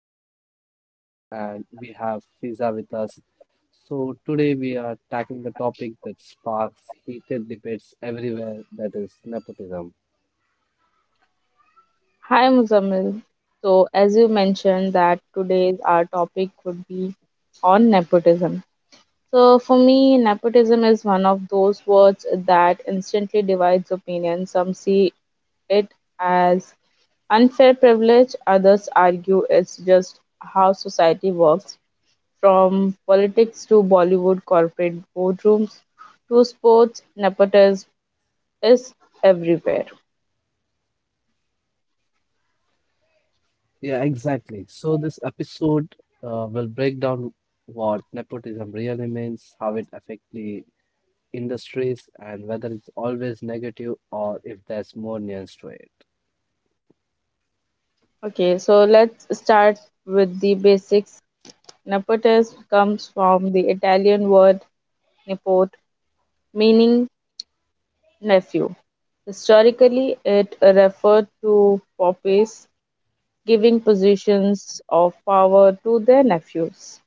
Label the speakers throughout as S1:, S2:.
S1: Muzammil host and we have Fiza with us. So today we are tackling the topic that sparks heated debates everywhere, that is nepotism.
S2: Hi Muzamil. So as you mentioned, that today's our topic would be on nepotism. So for me, nepotism is one of those words that instantly divides opinion. Some see it as unfair privilege, others argue it's just how society works. From politics to Bollywood, corporate boardrooms to sports, nepotism is everywhere.
S1: Yeah, exactly. So this episode will break down what nepotism really means, how it affects the industries, and whether it's always negative or if there's more nuance to it.
S2: Okay, so let's start with the basics. Nepotism comes from the Italian word "nepot," meaning nephew. Historically, it referred to popes giving positions of power to their nephews.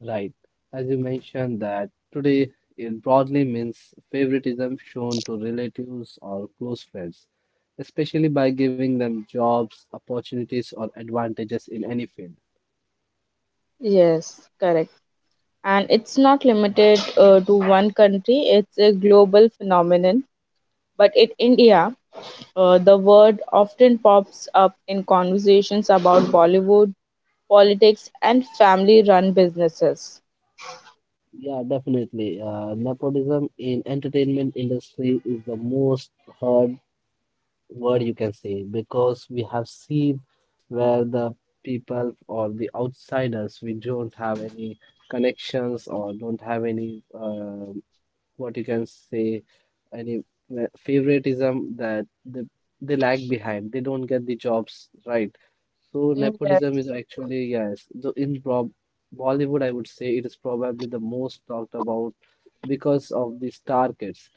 S1: Right. As you mentioned that today it broadly means favoritism shown to relatives or close friends, especially by giving them jobs, opportunities, or advantages in any field.
S2: Yes, correct. And it's not limited to one country, it's a global phenomenon. But in India, the word often pops up in conversations about Bollywood, politics, and family run businesses.
S1: Yeah, definitely. Nepotism in entertainment industry is the most heard word you can say because we have seen where the people or the outsiders we don't have any connections or don't have any what you can say any favoritism that they lag behind, they don't get the jobs, right? So
S2: Mm,
S1: nepotism is actually, yes, the in Bollywood, I would say it is probably the most talked about because of the star kids.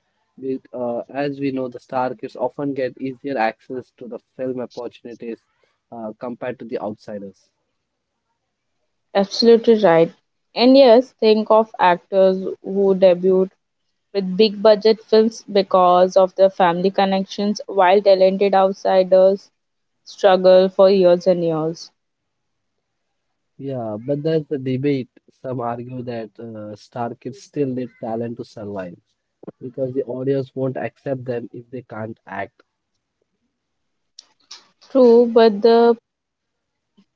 S1: With, as we know, the star kids often get easier access to the film opportunities compared to the outsiders.
S2: Absolutely right. And yes, think of actors who debuted with big budget films because of their family connections, while talented outsiders struggle for years and years.
S1: Yeah, but that's the debate. Some argue that star kids still need talent to survive because the audience won't accept them if they can't act.
S2: True, but the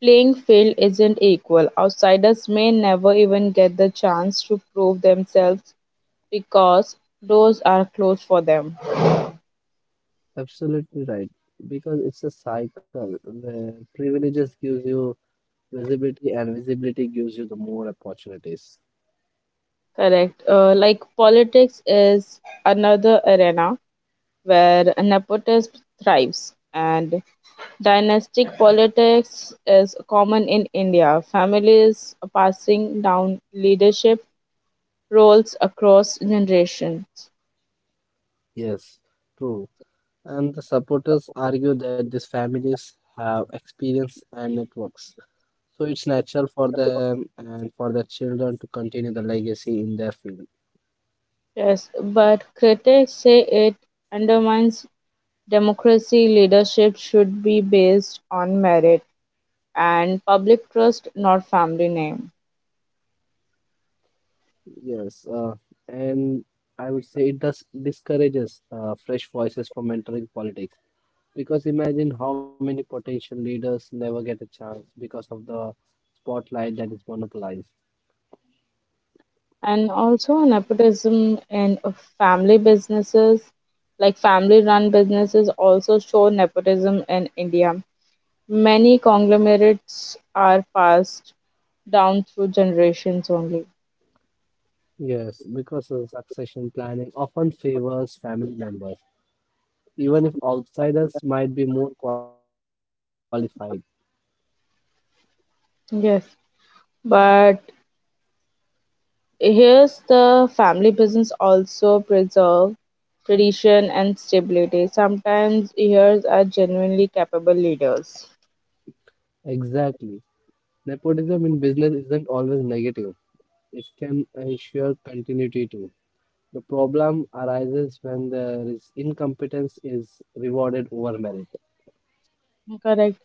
S2: playing field isn't equal. Outsiders may never even get the chance to prove themselves because doors are closed for them.
S1: Absolutely right. Because it's a cycle where privileges gives you visibility and visibility gives you the more opportunities.
S2: Correct. Like politics is another arena where nepotism thrives, and dynastic politics is common in India, families passing down leadership roles across generations.
S1: Yes, true. And the supporters argue that these families have experience and networks, so it's natural for them and for their children to continue the legacy in their field.
S2: Yes, but critics say it undermines democracy. Leadership should be based on merit and public trust, not family name.
S1: Yes, and I would say it does discourages fresh voices from entering politics because imagine how many potential leaders never get a chance because of the spotlight that is monopolized.
S2: And also, nepotism in family businesses, like family run businesses, also show nepotism in India. Many conglomerates are passed down through generations only.
S1: Yes, because of succession planning often favors family members, even if outsiders might be more qualified.
S2: Yes. But here's the family business also preserve tradition and stability. Sometimes heirs are genuinely capable leaders.
S1: Exactly. Nepotism in business isn't always negative. It can ensure continuity too. The problem arises when there is incompetence is rewarded over merit.
S2: Correct.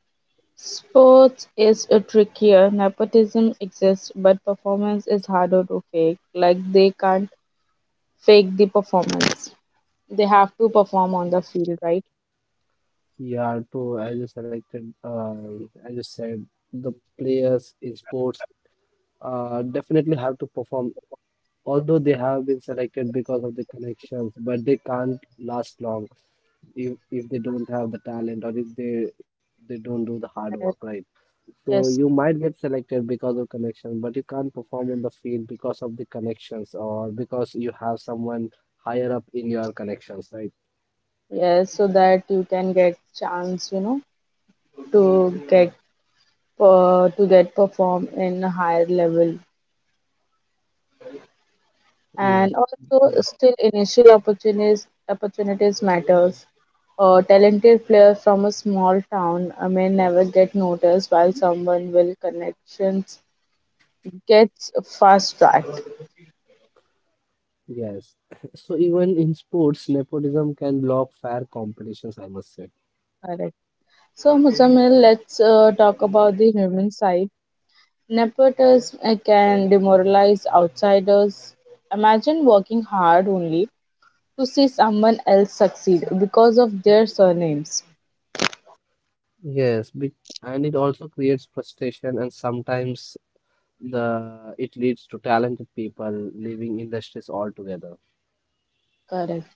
S2: Sports is a trickier. Nepotism exists, but performance is harder to fake. Like they can't fake the performance. They have to perform on the field, right?
S1: Yeah, true. I just said the players in sports definitely have to perform, although they have been selected because of the connections, but they can't last long if they don't have the talent, or if they don't do the hard work,
S2: And
S1: right? So
S2: yes.
S1: you might get selected because of connection, but you can't perform on the field because of the connections or because you have someone higher up in your connections, right?
S2: Yes, so that you can get chance, you know, to get to get perform in a higher level,
S1: Yes,
S2: and also
S1: true.
S2: still initial opportunities matters. A talented player from a small town may never get noticed, while someone with connections gets fast tracked.
S1: Yes. So even in sports, nepotism can block fair competitions, I must say.
S2: Correct. So, Muzamil, let's talk about the human side. Nepotism can demoralize outsiders. Imagine working hard only to see someone else succeed because of their surnames.
S1: Yes, be And it also creates frustration, and sometimes the it leads to talented people leaving industries altogether.
S2: Correct.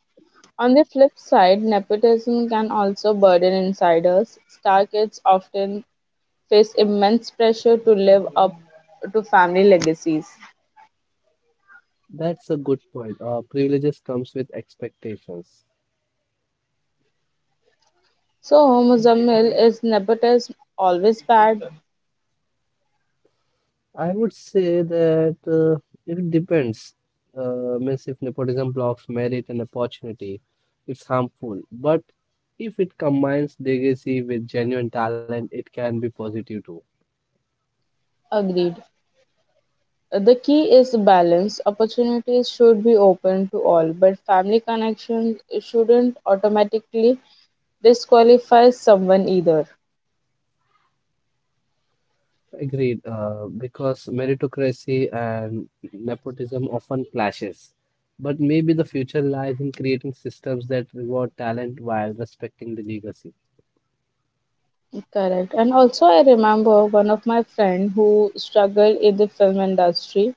S2: On the flip side, nepotism can also burden insiders. Star kids often face immense pressure to live up to family legacies.
S1: That's a good point. Privileges comes with expectations.
S2: So, Muzammil, is nepotism always bad?
S1: I would say that it depends. Means if nepotism blocks merit and opportunity, it's harmful. But if it combines legacy with genuine talent, it can be positive too.
S2: Agreed. The key is balance. Opportunities should be open to all, but family connections shouldn't automatically disqualify someone either.
S1: Agreed. Because meritocracy and nepotism often clashes. But maybe the future lies in creating systems that reward talent while respecting the legacy.
S2: Correct. And also, I remember one of my friend who struggled in the film industry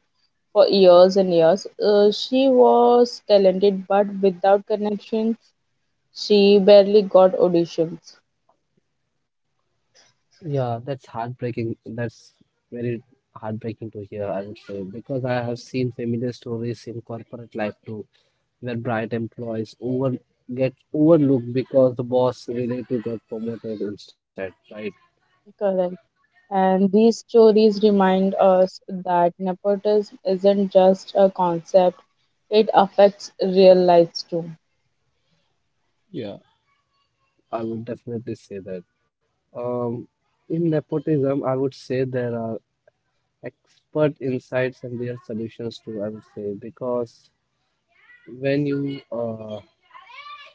S2: for years and years. She was talented, but without connection, she barely got auditions.
S1: Yeah, that's heartbreaking. That's very heartbreaking to hear, I would say, because I have seen familiar stories in corporate life too, where bright employees over get overlooked because the boss relative got promoted instead, right?
S2: Correct. And these stories remind us that nepotism isn't just a concept, it affects real lives too.
S1: Yeah, I would definitely say that. Um, in nepotism, I would say there are expert insights and real solutions too, I would say, because when you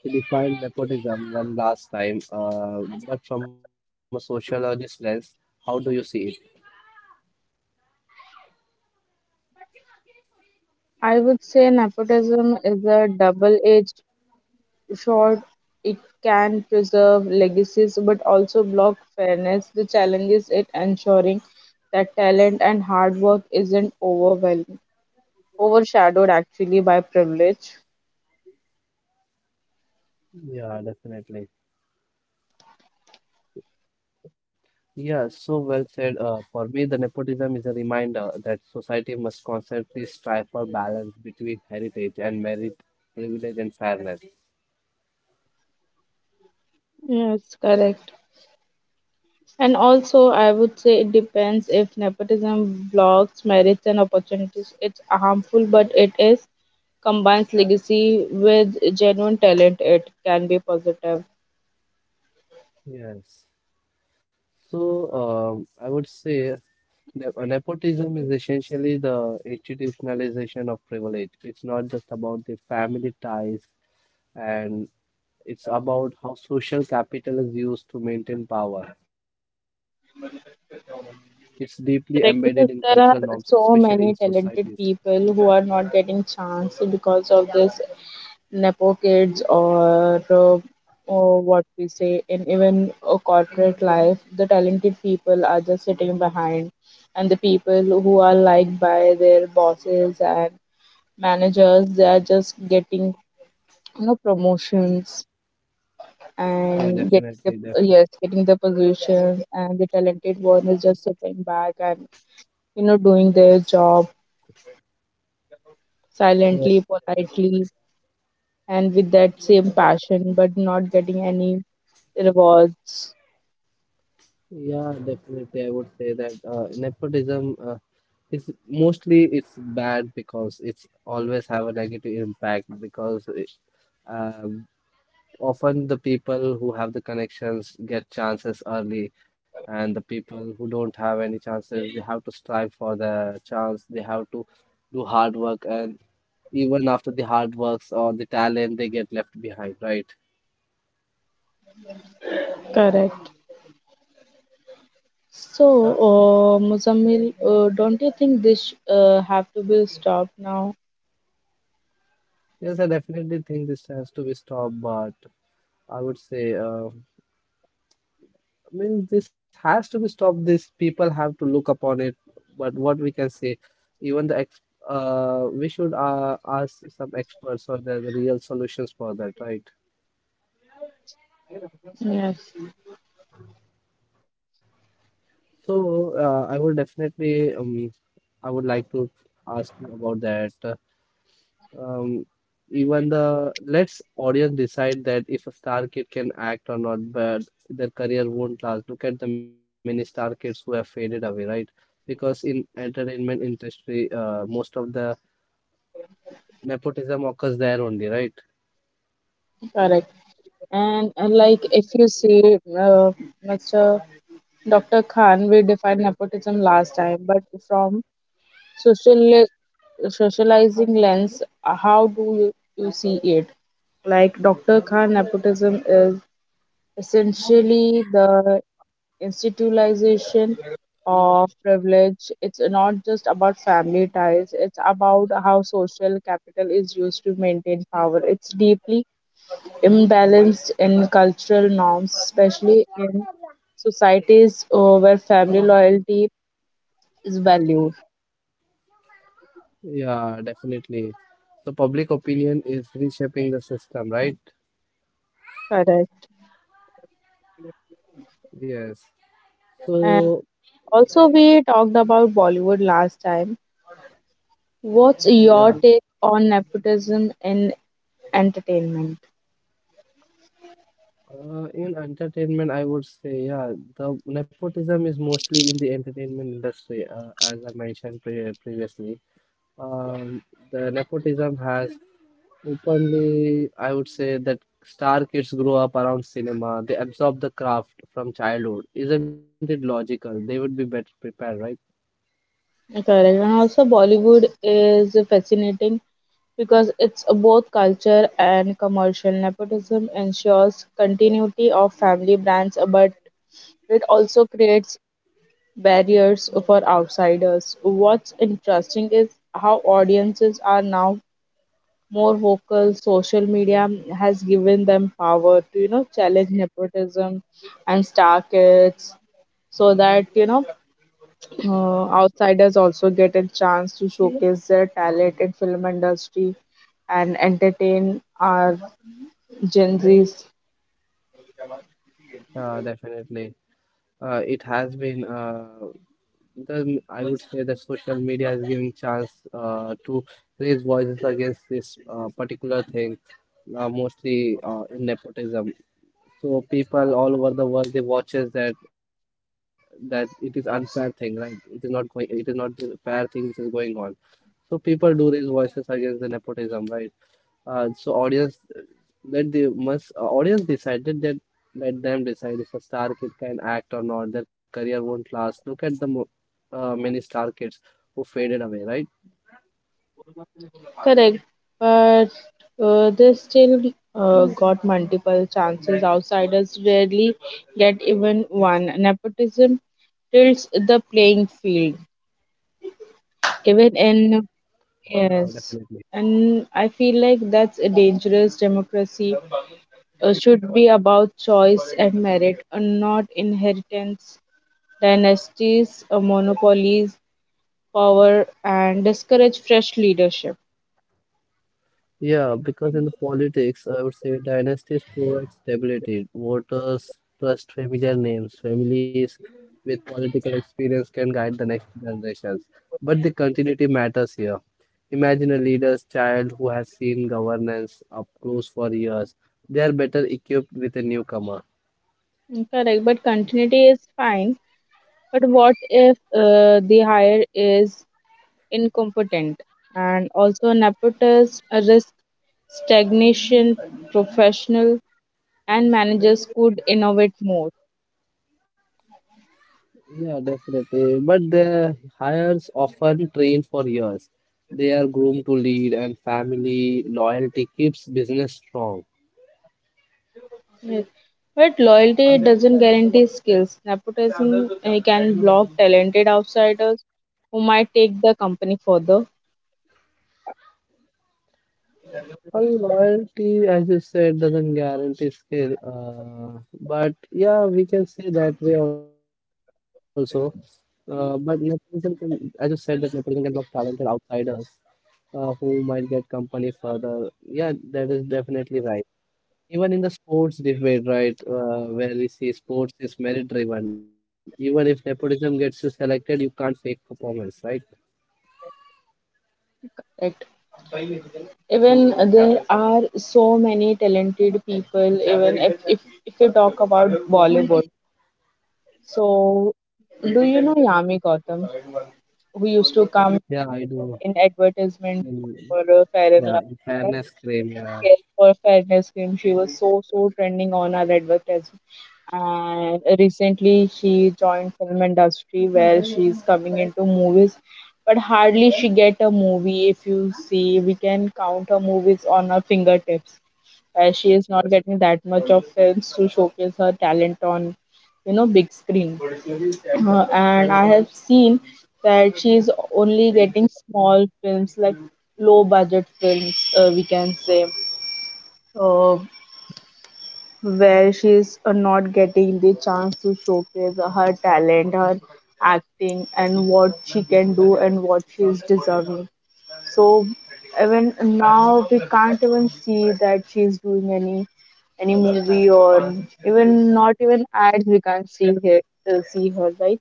S1: he defined nepotism one last time, but from a sociologist lens, how do you see it?
S2: I would say nepotism is a double edged sword. It can preserve legacies but also block fairness. The challenge is it ensuring that talent and hard work isn't overshadowed actually by privilege.
S1: Yeah, definitely. Yeah, so well said. For me, the nepotism is a reminder that society must constantly strive for balance between heritage and merit, privilege and fairness.
S2: Yes, correct. And also, I would say it depends. If nepotism blocks merits and opportunities, it's harmful, but it is combines legacy with genuine talent. It can be positive.
S1: Yes. So, I would say Nepotism is essentially the institutionalization of privilege. It's not just about the family ties, and it's about how social capital is used to maintain power. It's deeply embedded in cultural norms, especially
S2: Correct,
S1: in
S2: because there are
S1: societies.
S2: so many talented people who are not getting chance because of this nepo kids or what we say in even a corporate life. The talented people are just sitting behind, and the people who are liked by their bosses and managers, they are just getting, you know, promotions
S1: Yeah,
S2: and getting the,
S1: definitely.
S2: yes, getting the positions, and the talented one is just sitting back and, you know, doing their job
S1: Yeah,
S2: silently, politely, and with that same passion, but not getting any rewards.
S1: yeah, definitely. I would say that nepotism is mostly it's bad because it's always have a negative impact because uh, often the people who have the connections get chances early, and the people who don't have any chances, they have to strive for the chance. They have to do hard work, and even after the hard works or the talent, they get left behind, right?
S2: Correct. So, Muzammil, don't you think this have to be stopped now?
S1: Yes, I definitely think this has to be stopped, but I would say I mean, this has to be stopped. These people have to look upon it. But what we can say, even the ex we should ask some experts or the real solutions for that, right?
S2: Yes,
S1: So I will definitely I would like to ask you about that. Um, Even the let's audience decide that if a star kid can act or not, but their career won't last. Look at the many star kids who have faded away, right? Because in entertainment industry, most of the nepotism occurs there only, right?
S2: correct. And like if you see, Mr. Dr. Khan, we defined nepotism last time, but from social socializing lens, how do you, you see it? Like Dr. Khan, nepotism is essentially the institutionalization of privilege. It's not just about family ties, it's about how social capital is used to maintain power. It's deeply imbalanced in cultural norms, especially in societies where family loyalty is valued.
S1: Yeah, definitely. So public opinion is reshaping the system, right?
S2: Correct.
S1: Yes.
S2: And
S1: So
S2: also, we talked about Bollywood last time. What's your take on nepotism in entertainment?
S1: In entertainment, I would say, yeah, the nepotism is mostly in the entertainment industry, as I mentioned previously. Um, the nepotism has openly, I would say, that star kids grow up around cinema, they absorb the craft from childhood. Isn't it logical? They would be better prepared, right?
S2: Correct. And also Bollywood is fascinating because it's both culture and commercial. Nepotism ensures continuity of family brands, but it also creates barriers for outsiders. What's interesting is how audiences are now more vocal. Social media has given them power to, you know, challenge nepotism and star kids so that, you know, outsiders also get a chance to showcase their talent in film industry and entertain our Gen Zs.
S1: Definitely. It has been Then I would say that social media is giving chance to raise voices against this particular thing, mostly in nepotism. So people all over the world they watches that it is unfair thing, right? It is not the fair thing which is going on. So people do raise voices against the nepotism, right? So audience decided that let them decide if a star kid can act or not. Their career won't last. Look at the many star kids who faded away, right?
S2: Correct, but they still got multiple chances. Outsiders rarely get even one. Nepotism tilts the playing field.
S1: Yeah,
S2: Even in
S1: definitely.
S2: yes, and I feel like that's a dangerous democracy. Should be about choice and merit, not inheritance. Dynasties, monopolies, power, and discourage fresh leadership.
S1: Yeah, because in the politics, I would say dynasties provide stability. Voters trust familiar names. Families with political experience can guide the next generations. But the continuity matters here. Imagine a leader's child who has seen governance up close for years. They are better equipped with a newcomer.
S2: Correct, but continuity is fine. But what if the hire is incompetent? And also, nepotism risk stagnation, professional, and managers could innovate more.
S1: Yeah, definitely. But the hires often train for years. They are groomed to lead, and family loyalty keeps business strong.
S2: Yes. But loyalty doesn't guarantee skills. Nepotism can block talented outsiders who might take the company further.
S1: Well, loyalty, as you said, doesn't guarantee skill. But yeah, we can say that way also. But nepotism can, as you said, that nepotism can block talented outsiders who might get company further. Yeah, that is definitely right. Even in the sports debate, right, where we see sports is merit driven. Even if nepotism gets you selected, you can't fake performance, right?
S2: Right? Even there are so many talented people. Even if you talk about Bollywood, so do you know Yami Gautam, who used to
S1: Yeah,
S2: come
S1: I do.
S2: in advertisement
S1: Mm,
S2: for Fair
S1: yeah,
S2: and
S1: in fairness
S2: Lovely?
S1: claim. Yeah.
S2: Yes, for fairness cream, she was so trending on our advertisement. And recently, she joined film industry where she's coming into movies, but hardly she get a movie. If you see, we can count her movies on her fingertips. Where she is not getting that much of films to showcase her talent on, you know, big screen. And I have seen that she is only getting small films like low budget films. We can say uh, where she's not getting the chance to showcase her talent, her acting, and what she can do and what she is deserving. So even now we can't even see that she's doing any movie or even not even ads, we can't see her see her, right.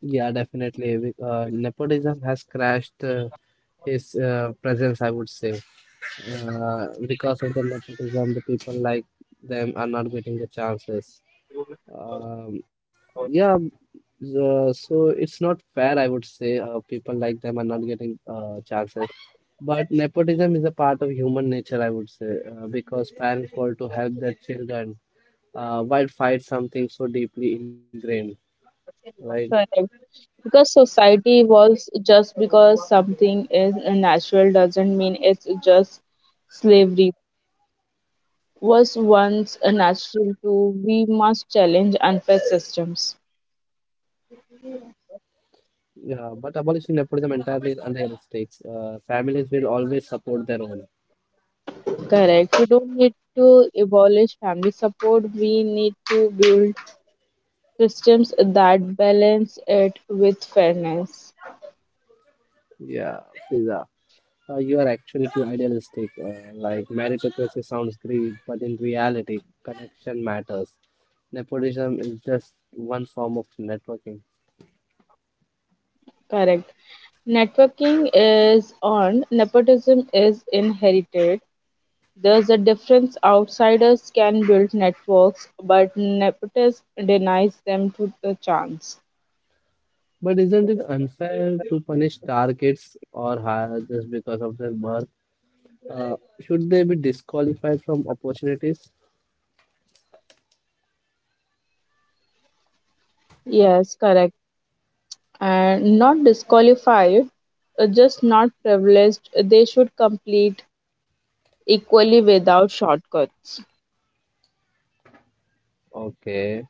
S1: Yeah, definitely. Nepotism has crashed his presence, I would say. Because of the nepotism, the people like them are not getting the chances. Um, yeah, so it's not fair, I would say. People like them are not getting chances. But nepotism is a part of human nature, I would say, because parents want to help their children while fight something so deeply ingrained, right?
S2: Correct. Because society evolves, just because something is natural doesn't mean it's just. Slavery was once a natural to we must challenge unfair systems.
S1: Yeah, but abolishing nepotism entirely is unrealistic. Families will always support their own.
S2: Correct, we don't need to abolish family support, we need to build systems that balance it with fairness.
S1: Yeah, Fiza. You are actually too idealistic. Like meritocracy sounds great, but in reality, connection matters. Nepotism is just one form of networking.
S2: Correct, networking is earned, nepotism is inherited. There's a difference. Outsiders can build networks, but nepotism denies them to the chance.
S1: But isn't it unfair to punish star kids or hire just because of their birth? Should they be disqualified from opportunities?
S2: Yes, correct. And not disqualified, just not privileged. They should complete equally without shortcuts.
S1: Okay.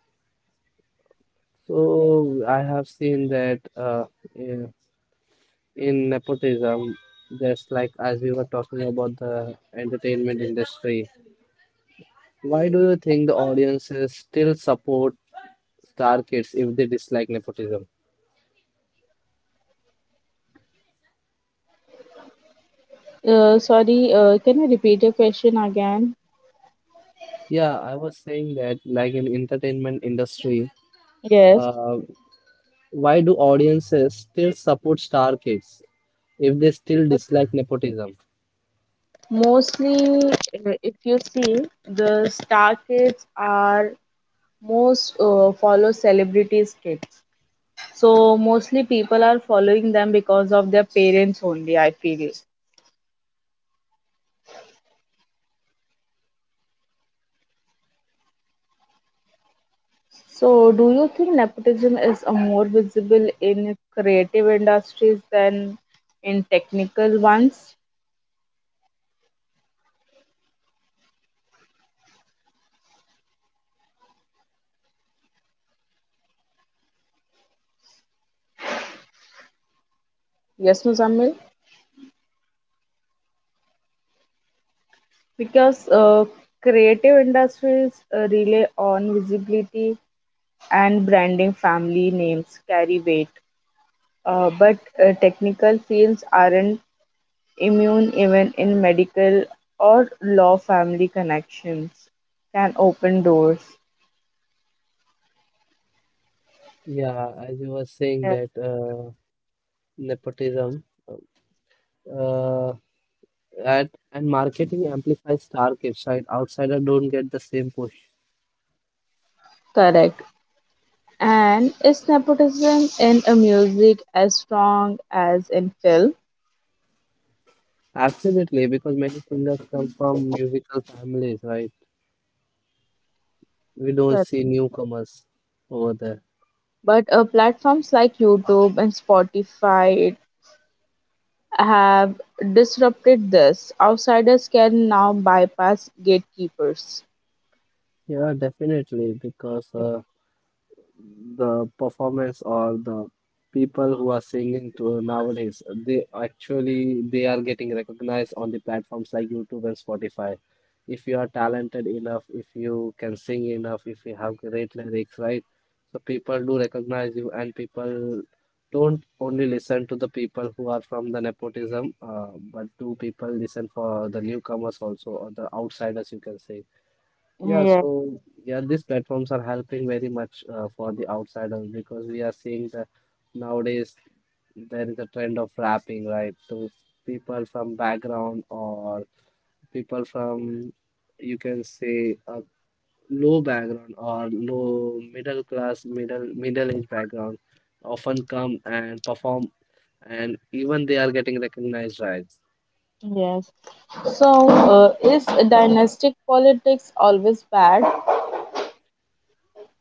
S1: So I have seen that in, in nepotism, just like as we were talking about the entertainment industry, why do you think the audiences still support star kids if they dislike nepotism?
S2: Sorry, can I repeat your question again?
S1: Yeah, I was saying that like in entertainment industry,
S2: Yes.
S1: uh, why do audiences still support star kids if they still dislike nepotism?
S2: Mostly, if you see, the star kids are most follow celebrities' kids. So mostly people are following them because of their parents only, I feel. So, do you think nepotism is a more visible in creative industries than in technical ones? Yes, Muzammil. Because creative industries rely on visibility and branding. Family names carry weight, but technical fields aren't immune. Even in medical or law, family connections can open doors.
S1: Yeah, as you were saying
S2: Yeah.
S1: that nepotism. uh, at and marketing amplifies star kids, right? Outsider don't get the same push.
S2: Correct. And is nepotism in a music as strong as in film?
S1: Absolutely, because many singers come from musical families, right? We don't
S2: Correct.
S1: see newcomers over there.
S2: But platforms like YouTube and Spotify have disrupted this. Outsiders can now bypass gatekeepers.
S1: Yeah, definitely, because the performance or the people who are singing to nowadays they actually they are getting recognized on the platforms like YouTube and Spotify. If you are talented enough, if you can sing enough, if you have great lyrics, right? So people do recognize you, and people don't only listen to the people who are from the nepotism, but do people listen for the newcomers also or the outsiders, you can say. Yeah,
S2: Yes,
S1: so yeah, these platforms are helping very much for the outsiders, because we are seeing the nowadays there is a trend of rapping, right? So people from background or people from you can say a low background or low middle class, middle age background often come and perform, and even they are getting recognized, right?
S2: yes. So, is dynastic politics always bad?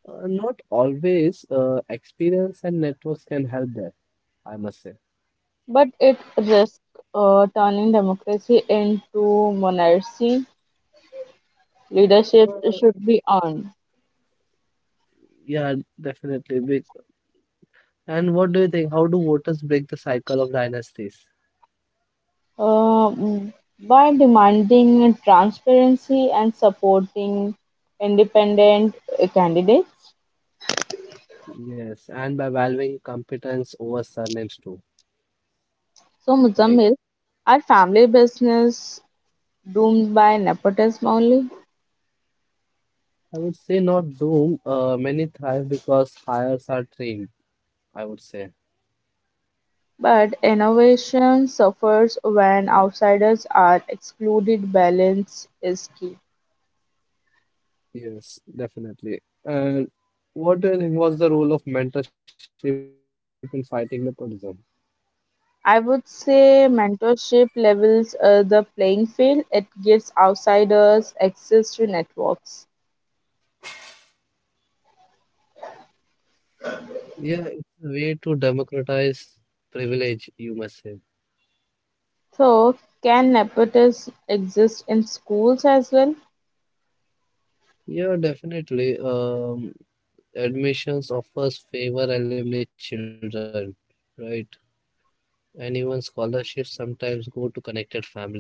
S1: Not always, experience and networks can help there, I must say.
S2: But it risks turning democracy into monarchy. Leadership should be earned.
S1: Yeah, definitely. And what do you think? How do voters break the cycle of dynasties?
S2: uh, by demanding transparency and supporting independent candidates.
S1: Yes, and by valuing competence over surnames too,
S2: So,
S1: right?
S2: Muzammil, are family business doomed by nepotism only?
S1: I would say not doom. Many thrive because hires are trained, I would say.
S2: But innovation suffers when outsiders are excluded. Balance is key.
S1: Yes, definitely. And what do you think was the role of mentorship in fighting nepotism?
S2: I would say mentorship levels the playing field. It gives outsiders access to networks.
S1: Yeah, it's a way to democratize privilege, you must say.
S2: So, can nepotism exist in schools as well?
S1: Yeah, definitely. Admissions offers favor alumni children, right? And even scholarships sometimes go to connected families.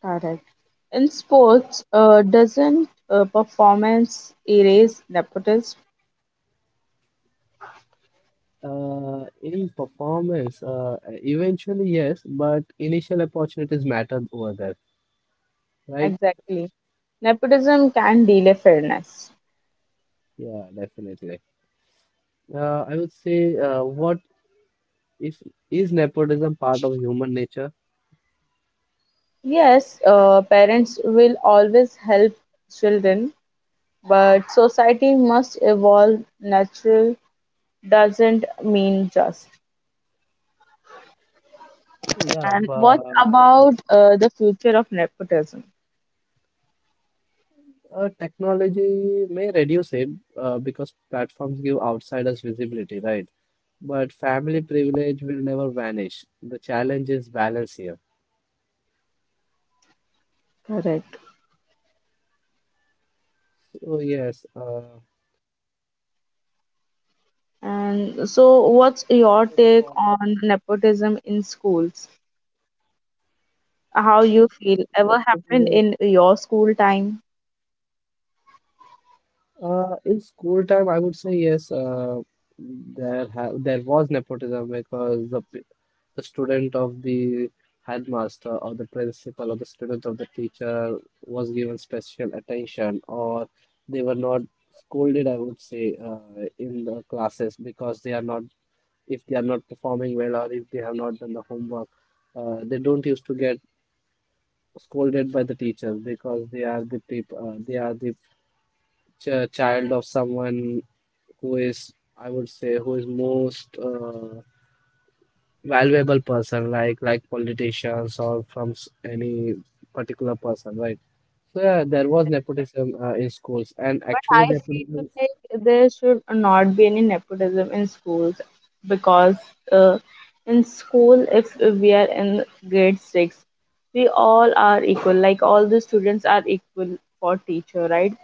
S2: Correct. In sports, doesn't performance erase nepotism?
S1: In performance, eventually, yes, but initial opportunities matter over there, right?
S2: Exactly. Nepotism can delay fairness.
S1: Yeah, definitely. I would say, what if is nepotism part of human nature?
S2: Yes, parents will always help children, but society must evolve. Natural doesn't mean just.
S1: Yeah,
S2: And
S1: but
S2: what about the future of nepotism?
S1: technology may reduce it, because platforms give outsiders visibility, right? But family privilege will never vanish. The challenge is balance here.
S2: Correct.
S1: So, yes,
S2: And
S1: for
S2: so,
S1: the
S2: what's
S1: warm up.
S2: your take on nepotism in schools? How you
S1: Let
S2: feel?
S1: us
S2: Ever
S1: do
S2: happened in your school time?
S1: In school time, I would say yes. There ha there was nepotism because the student of the headmaster or the principal or the student of the teacher was given special attention or they were not scolded, I would say, in the classes because they are not if they are not performing well or if they have not done the homework. They don't used to get scolded by the teachers because they are the people, they are the ch- child of someone who is, I would say, who is most valuable person, like politicians or any particular person, right? So yeah, there was nepotism, in schools, and actually
S2: I feel
S1: nepotism.
S2: like there should not be any nepotism in schools because uh, in school, if we are in grade 6, we all are equal. Like all the students are equal for teacher, right?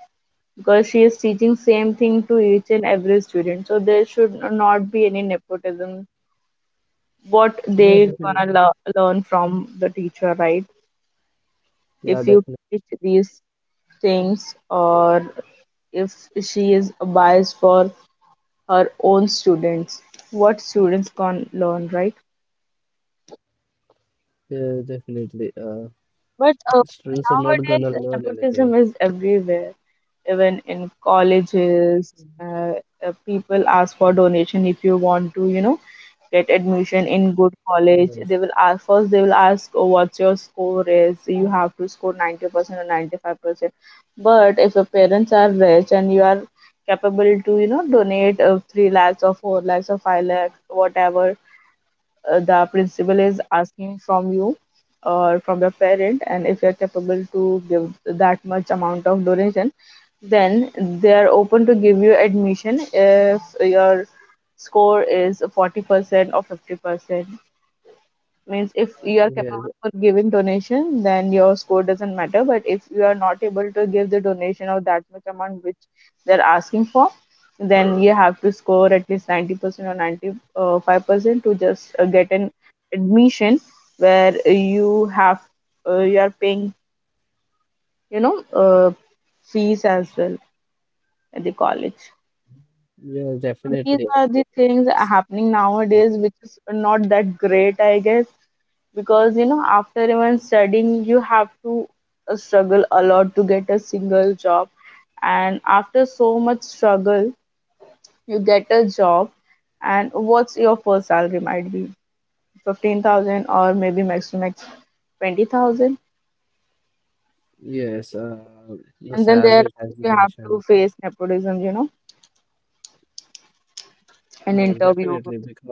S2: Because she is teaching same thing to each and every student. So there should not be any nepotism. What they
S1: Yeah,
S2: gonna
S1: definitely.
S2: learn from the teacher, right? If you
S1: Yeah,
S2: teach
S1: definitely.
S2: these things, or if she is biased for her own students, what students can learn, right?
S1: Yeah, definitely,
S2: But
S1: students are not
S2: nowadays,
S1: gonna learn
S2: nepotism
S1: anything.
S2: is everywhere. Even in colleges, uh, people ask for donation if you want to, you know, get admission in good
S1: Yes.
S2: college. They will ask first. They will ask, oh, "What's your score is? You have to score 90% or 95%." But if your parents are rich and you are capable to, you know, donate three lakhs or four lakhs or five lakhs, whatever, the principal is asking from you or from your parent, and if you're capable to give that much amount of donation, then they are open to give you admission if your score is 40% or 50%. Means if you are capable
S1: Yes.
S2: for giving donation, then your score doesn't matter, but if you are not able to give the donation of that much amount which they're asking for, then you have to score at least 90% or 95% to just get an admission where you have you are paying, you know, fees as well at the college.
S1: Yes,
S2: These are
S1: definitely.
S2: the things happening nowadays, which is not that great, I guess, because you know, after even studying, you have to struggle a lot to get a single job, and after so much struggle, you get a job. And what's your first salary might be 15,000, or maybe max to max 20,000.
S1: Yes,
S2: And
S1: the
S2: then there
S1: salary, as
S2: you
S1: you
S2: have to
S1: mentioned.
S2: face nepotism, you know,
S1: Yes,
S2: an
S1: definitely,
S2: interview.
S1: because of,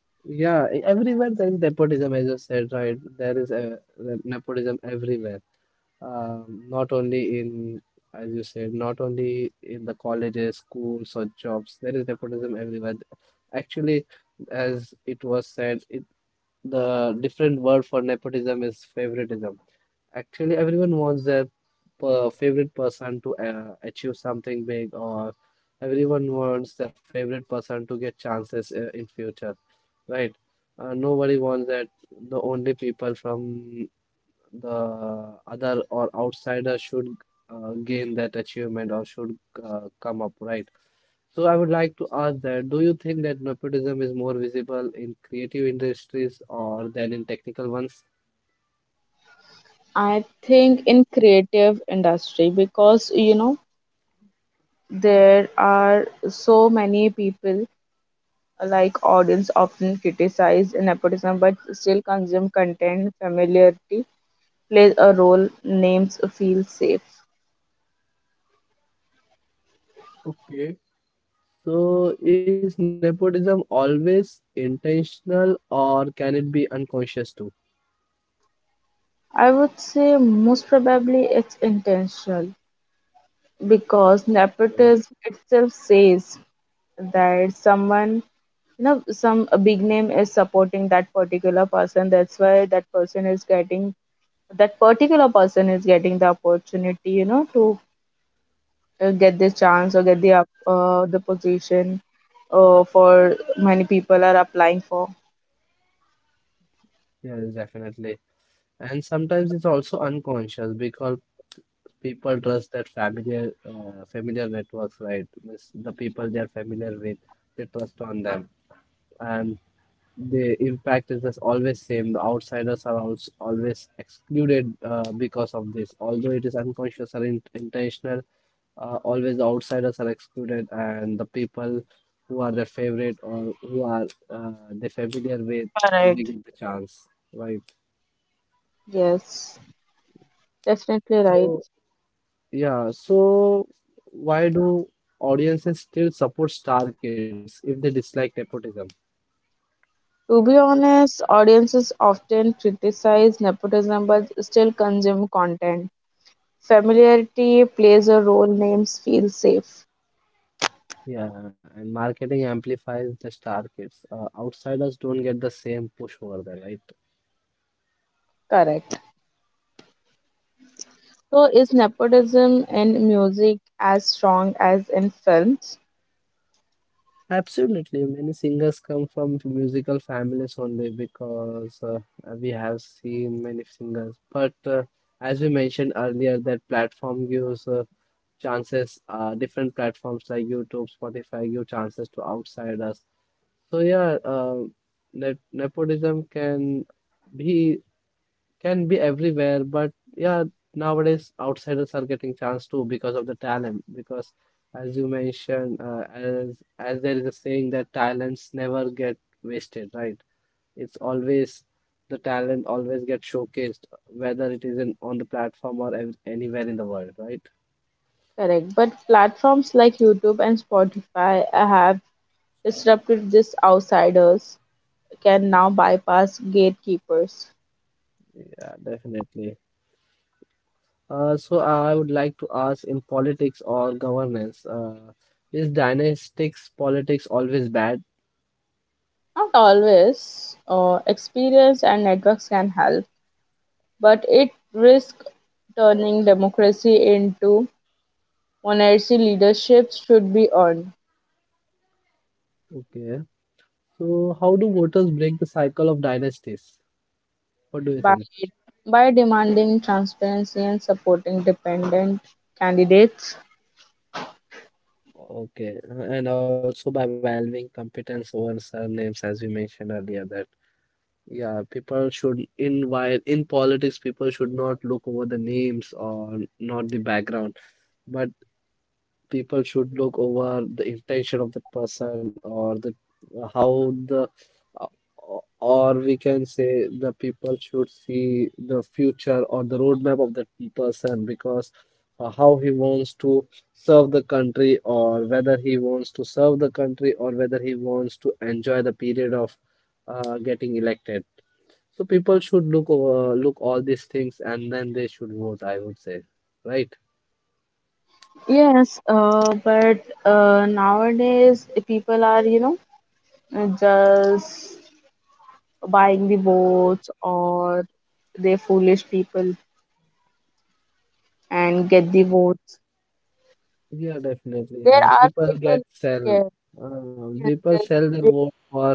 S1: yeah, everywhere there is nepotism, as you said, right? There is the nepotism everywhere. Not only in, as you said, not only in the colleges, schools, or jobs. There is nepotism everywhere. Actually, as it was said, the different word for nepotism is favoritism. Actually, everyone wants their per favorite person to achieve something big, or everyone wants their favorite person to get chances, in future, right? Nobody wants that the only people from the other or outsider should gain that achievement, or should come up, right? So I would like to ask, that do you think that nepotism is more visible in creative industries or than in technical ones?
S2: I think in creative industry, because you know, there are so many people. Like, audience often criticize nepotism but still consume content. Familiarity plays a role, names feel safe.
S1: Okay. So, is nepotism always intentional, or can it be unconscious too?
S2: I would say most probably it's intentional, because nepotism itself says that someone, you know, some a big name is supporting that particular person. That's why that particular person is getting the opportunity, you know, to get the chance or get the the position for many people are applying for.
S1: Yes, definitely. And sometimes it's also unconscious because people trust that familiar networks, right? Means the people they are familiar with, they trust on them, and the impact is just always same. The outsiders are also always excluded, because of this. Although it is unconscious or in intentional, always the outsiders are excluded, and the people who are their favorite or who are, they familiar with, they
S2: Correct.
S1: get the chance, right?
S2: Yes, definitely right.
S1: So, yeah, so why do audiences still support star kids if they dislike nepotism?
S2: To be honest, audiences often criticize nepotism but still consume content. Familiarity plays a role, names feel safe.
S1: Yeah, and marketing amplifies the star kids, outsiders don't get the same push over there, right?
S2: Correct. So, is nepotism in music as strong as in films?
S1: Absolutely, many singers come from musical families only because, we have seen many singers. But, as we mentioned earlier, that platform gives, chances, different platforms like YouTube, Spotify give chances to outsiders. So, yeah, net nepotism can be, everywhere, but yeah, nowadays outsiders are getting chance too because of the talent. Because as you mentioned, as there is a saying that talents never get wasted, right? It's always the talent always gets showcased, whether it is in on the platform or ev anywhere in the world, right?
S2: Correct. But platforms like YouTube and Spotify have disrupted these. Outsiders can now bypass gatekeepers.
S1: Yeah, definitely. So I would like to ask, in politics or governance, is dynastic politics always bad?
S2: Not always, experience and networks can help, but it risks turning democracy into monarchy. Leadership should be earned
S1: Okay. So, how do voters break the cycle of dynasties? What do you
S2: by
S1: think?
S2: demanding transparency and supporting dependent candidates.
S1: Okay, and also by valuing competence over surnames, as we mentioned earlier, that yeah, people should in while in politics, people should not look over the names or not the background, but people should look over the intention of the person, how the uh, or we can say the people should see the future or the roadmap of that person, because, how he wants to serve the country, or whether he wants to serve the country, or whether he wants to enjoy the period of, getting elected. So people should look all these things, and then they should vote, I would say, right?
S2: Yes, but nowadays people are, you know, just buying the votes, or they foolish people and get the votes.
S1: Yeah, definitely.
S2: There
S1: Yeah,
S2: are
S1: people
S2: people,
S1: get sell.
S2: yeah,
S1: People
S2: they
S1: sell their
S2: they
S1: vote for,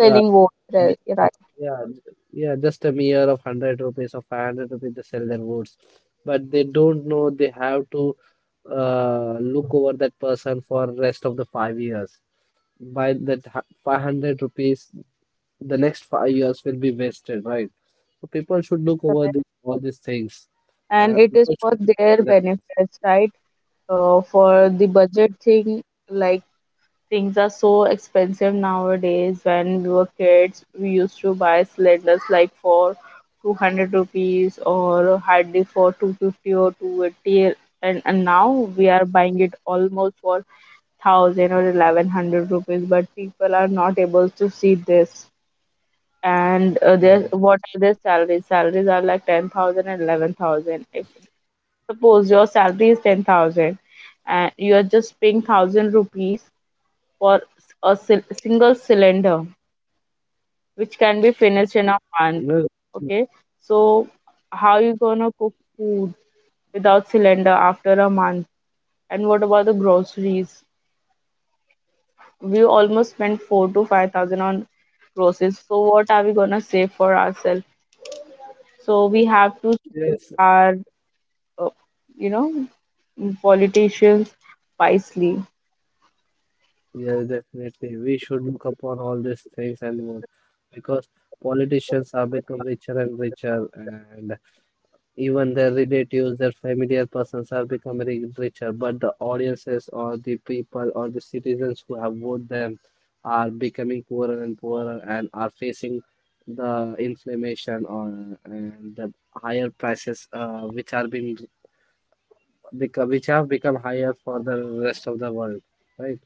S1: uh,
S2: votes,
S1: mere,
S2: right, right,
S1: yeah, yeah, just a mere of 100 rupees or 500 rupees. They sell their votes, but they don't know they have to, look over that person for rest of the 5 years. By that 500 rupees, the next 5 years will be wasted, right? So people should look over
S2: correct.
S1: this, all these things.
S2: And it is
S1: People
S2: for
S1: should. Not
S2: their
S1: sell their vote.
S2: benefits, right? For the budget thing, like, things are so expensive nowadays. When we were kids, we used to buy cylinders like for 200 rupees, or hardly for 250 or 280, and now we are buying it almost for 1,000 or 1,100 rupees, but people are not able to see this. And their
S1: Yeah.
S2: what are their salaries? Salaries are like ten thousand and eleven thousand. If suppose your salary is 10,000, and you are just paying thousand rupees for a single cylinder, which can be
S1: Yes.
S2: finished in a month. Okay, so how you gonna cook food without cylinder after a month? And what about the groceries? We almost spent four to five thousand on groceries. So what are we gonna save for ourselves? So we have to
S1: Yes.
S2: choose our, uh, you know, politicians wisely.
S1: Yes, definitely. We should look upon all these things and more, because politicians are become richer and richer, and even their relatives, their familiar persons are becoming richer. But the audiences, or the people, or the citizens who have voted them, are becoming poorer and poorer, and are facing the inflammation, or, and the higher prices, which have become higher for the rest of the world, right?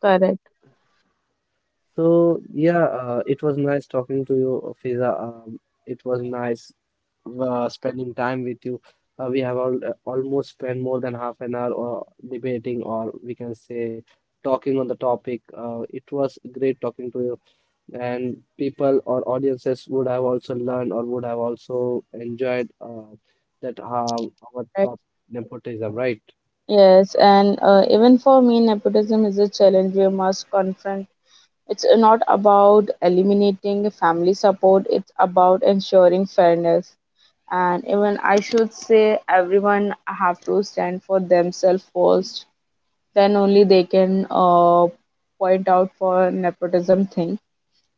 S2: Correct.
S1: So yeah, it was nice talking to you, Fiza. It was nice, spending time with you. We have all, almost spent more than half an hour, or debating, or we can say talking on the topic. It was great talking to you, and people or audiences would have also learned, or would have also enjoyed, that, our
S2: Correct.
S1: top nepotism, right?
S2: Yes, and even for me, nepotism is a challenge we must confront. It's not about eliminating family support, it's about ensuring fairness. And even I should say, everyone have to stand for themselves first. Then only they can point out for nepotism thing,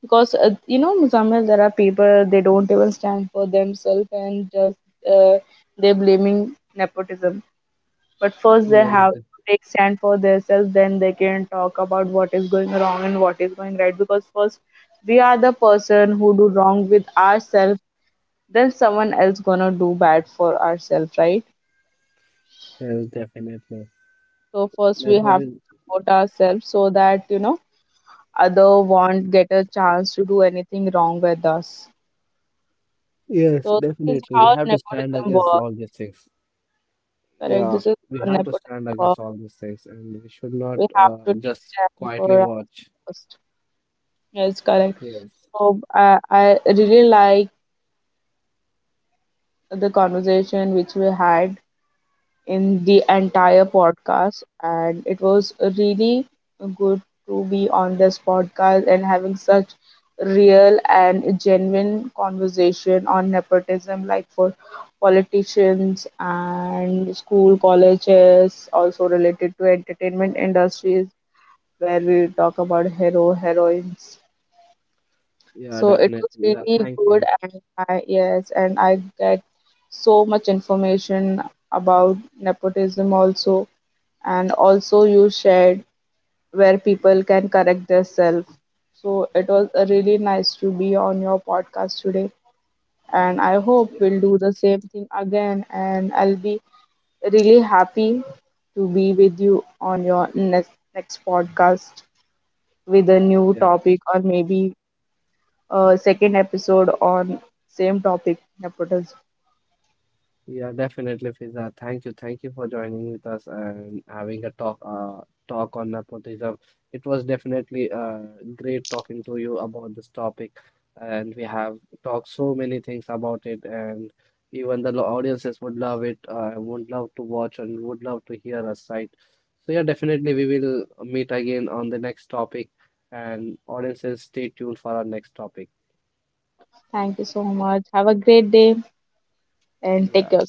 S2: because you know Muzamil, there are people they don't even stand for themselves and just uh, they're blaming nepotism. But first they
S1: Yes,
S2: have to take stand for themselves, then they can talk about what is going wrong and what is going right, because first we are the person who do wrong with ourselves, then someone else gonna do bad for ourselves, right?
S1: yes, definitely.
S2: So first we have to
S1: Nepotism.
S2: support ourselves, so that you know, other won't get a chance to do anything wrong with us.
S1: Yes,
S2: So this is
S1: definitely. We
S2: how
S1: have to stand
S2: nepotism
S1: against
S2: works.
S1: all these things.
S2: Correct.
S1: Yeah,
S2: This is
S1: we
S2: how
S1: have to
S2: nepotism
S1: stand against
S2: works.
S1: all these things, and we should not,
S2: We have to take
S1: just
S2: stand
S1: quietly
S2: for our
S1: watch.
S2: first. Yes, correct.
S1: Yes.
S2: So I really like the conversation which we had in the entire podcast. And it was really good to be on this podcast and having such real and genuine conversation on nepotism, like for politicians and school colleges, also related to entertainment industries, where we talk about hero heroines.
S1: Yeah,
S2: So it
S1: definitely.
S2: was
S1: Yeah,
S2: really
S1: thank
S2: good,
S1: you.
S2: and I, yes, and I get so much information about nepotism also, and also you shared where people can correct themselves. So it was really nice to be on your podcast today, and I hope
S1: Yeah.
S2: we'll do the same thing again. And I'll be really happy to be with you on your next podcast with a new
S1: Yes.
S2: topic, or maybe a second episode on same topic nepotism.
S1: Yeah, definitely, Fiza. Thank you. Thank you for joining with us and having a talk on nepotism. It was definitely, great talking to you about this topic, and we have talked so many things about it, and even the audiences would love it, would love to watch and would love to hear us, right? So yeah, definitely we will meet again on the next topic, and audiences stay tuned for our next topic.
S2: Thank you so much. Have a great day and take
S1: Yeah.
S2: care.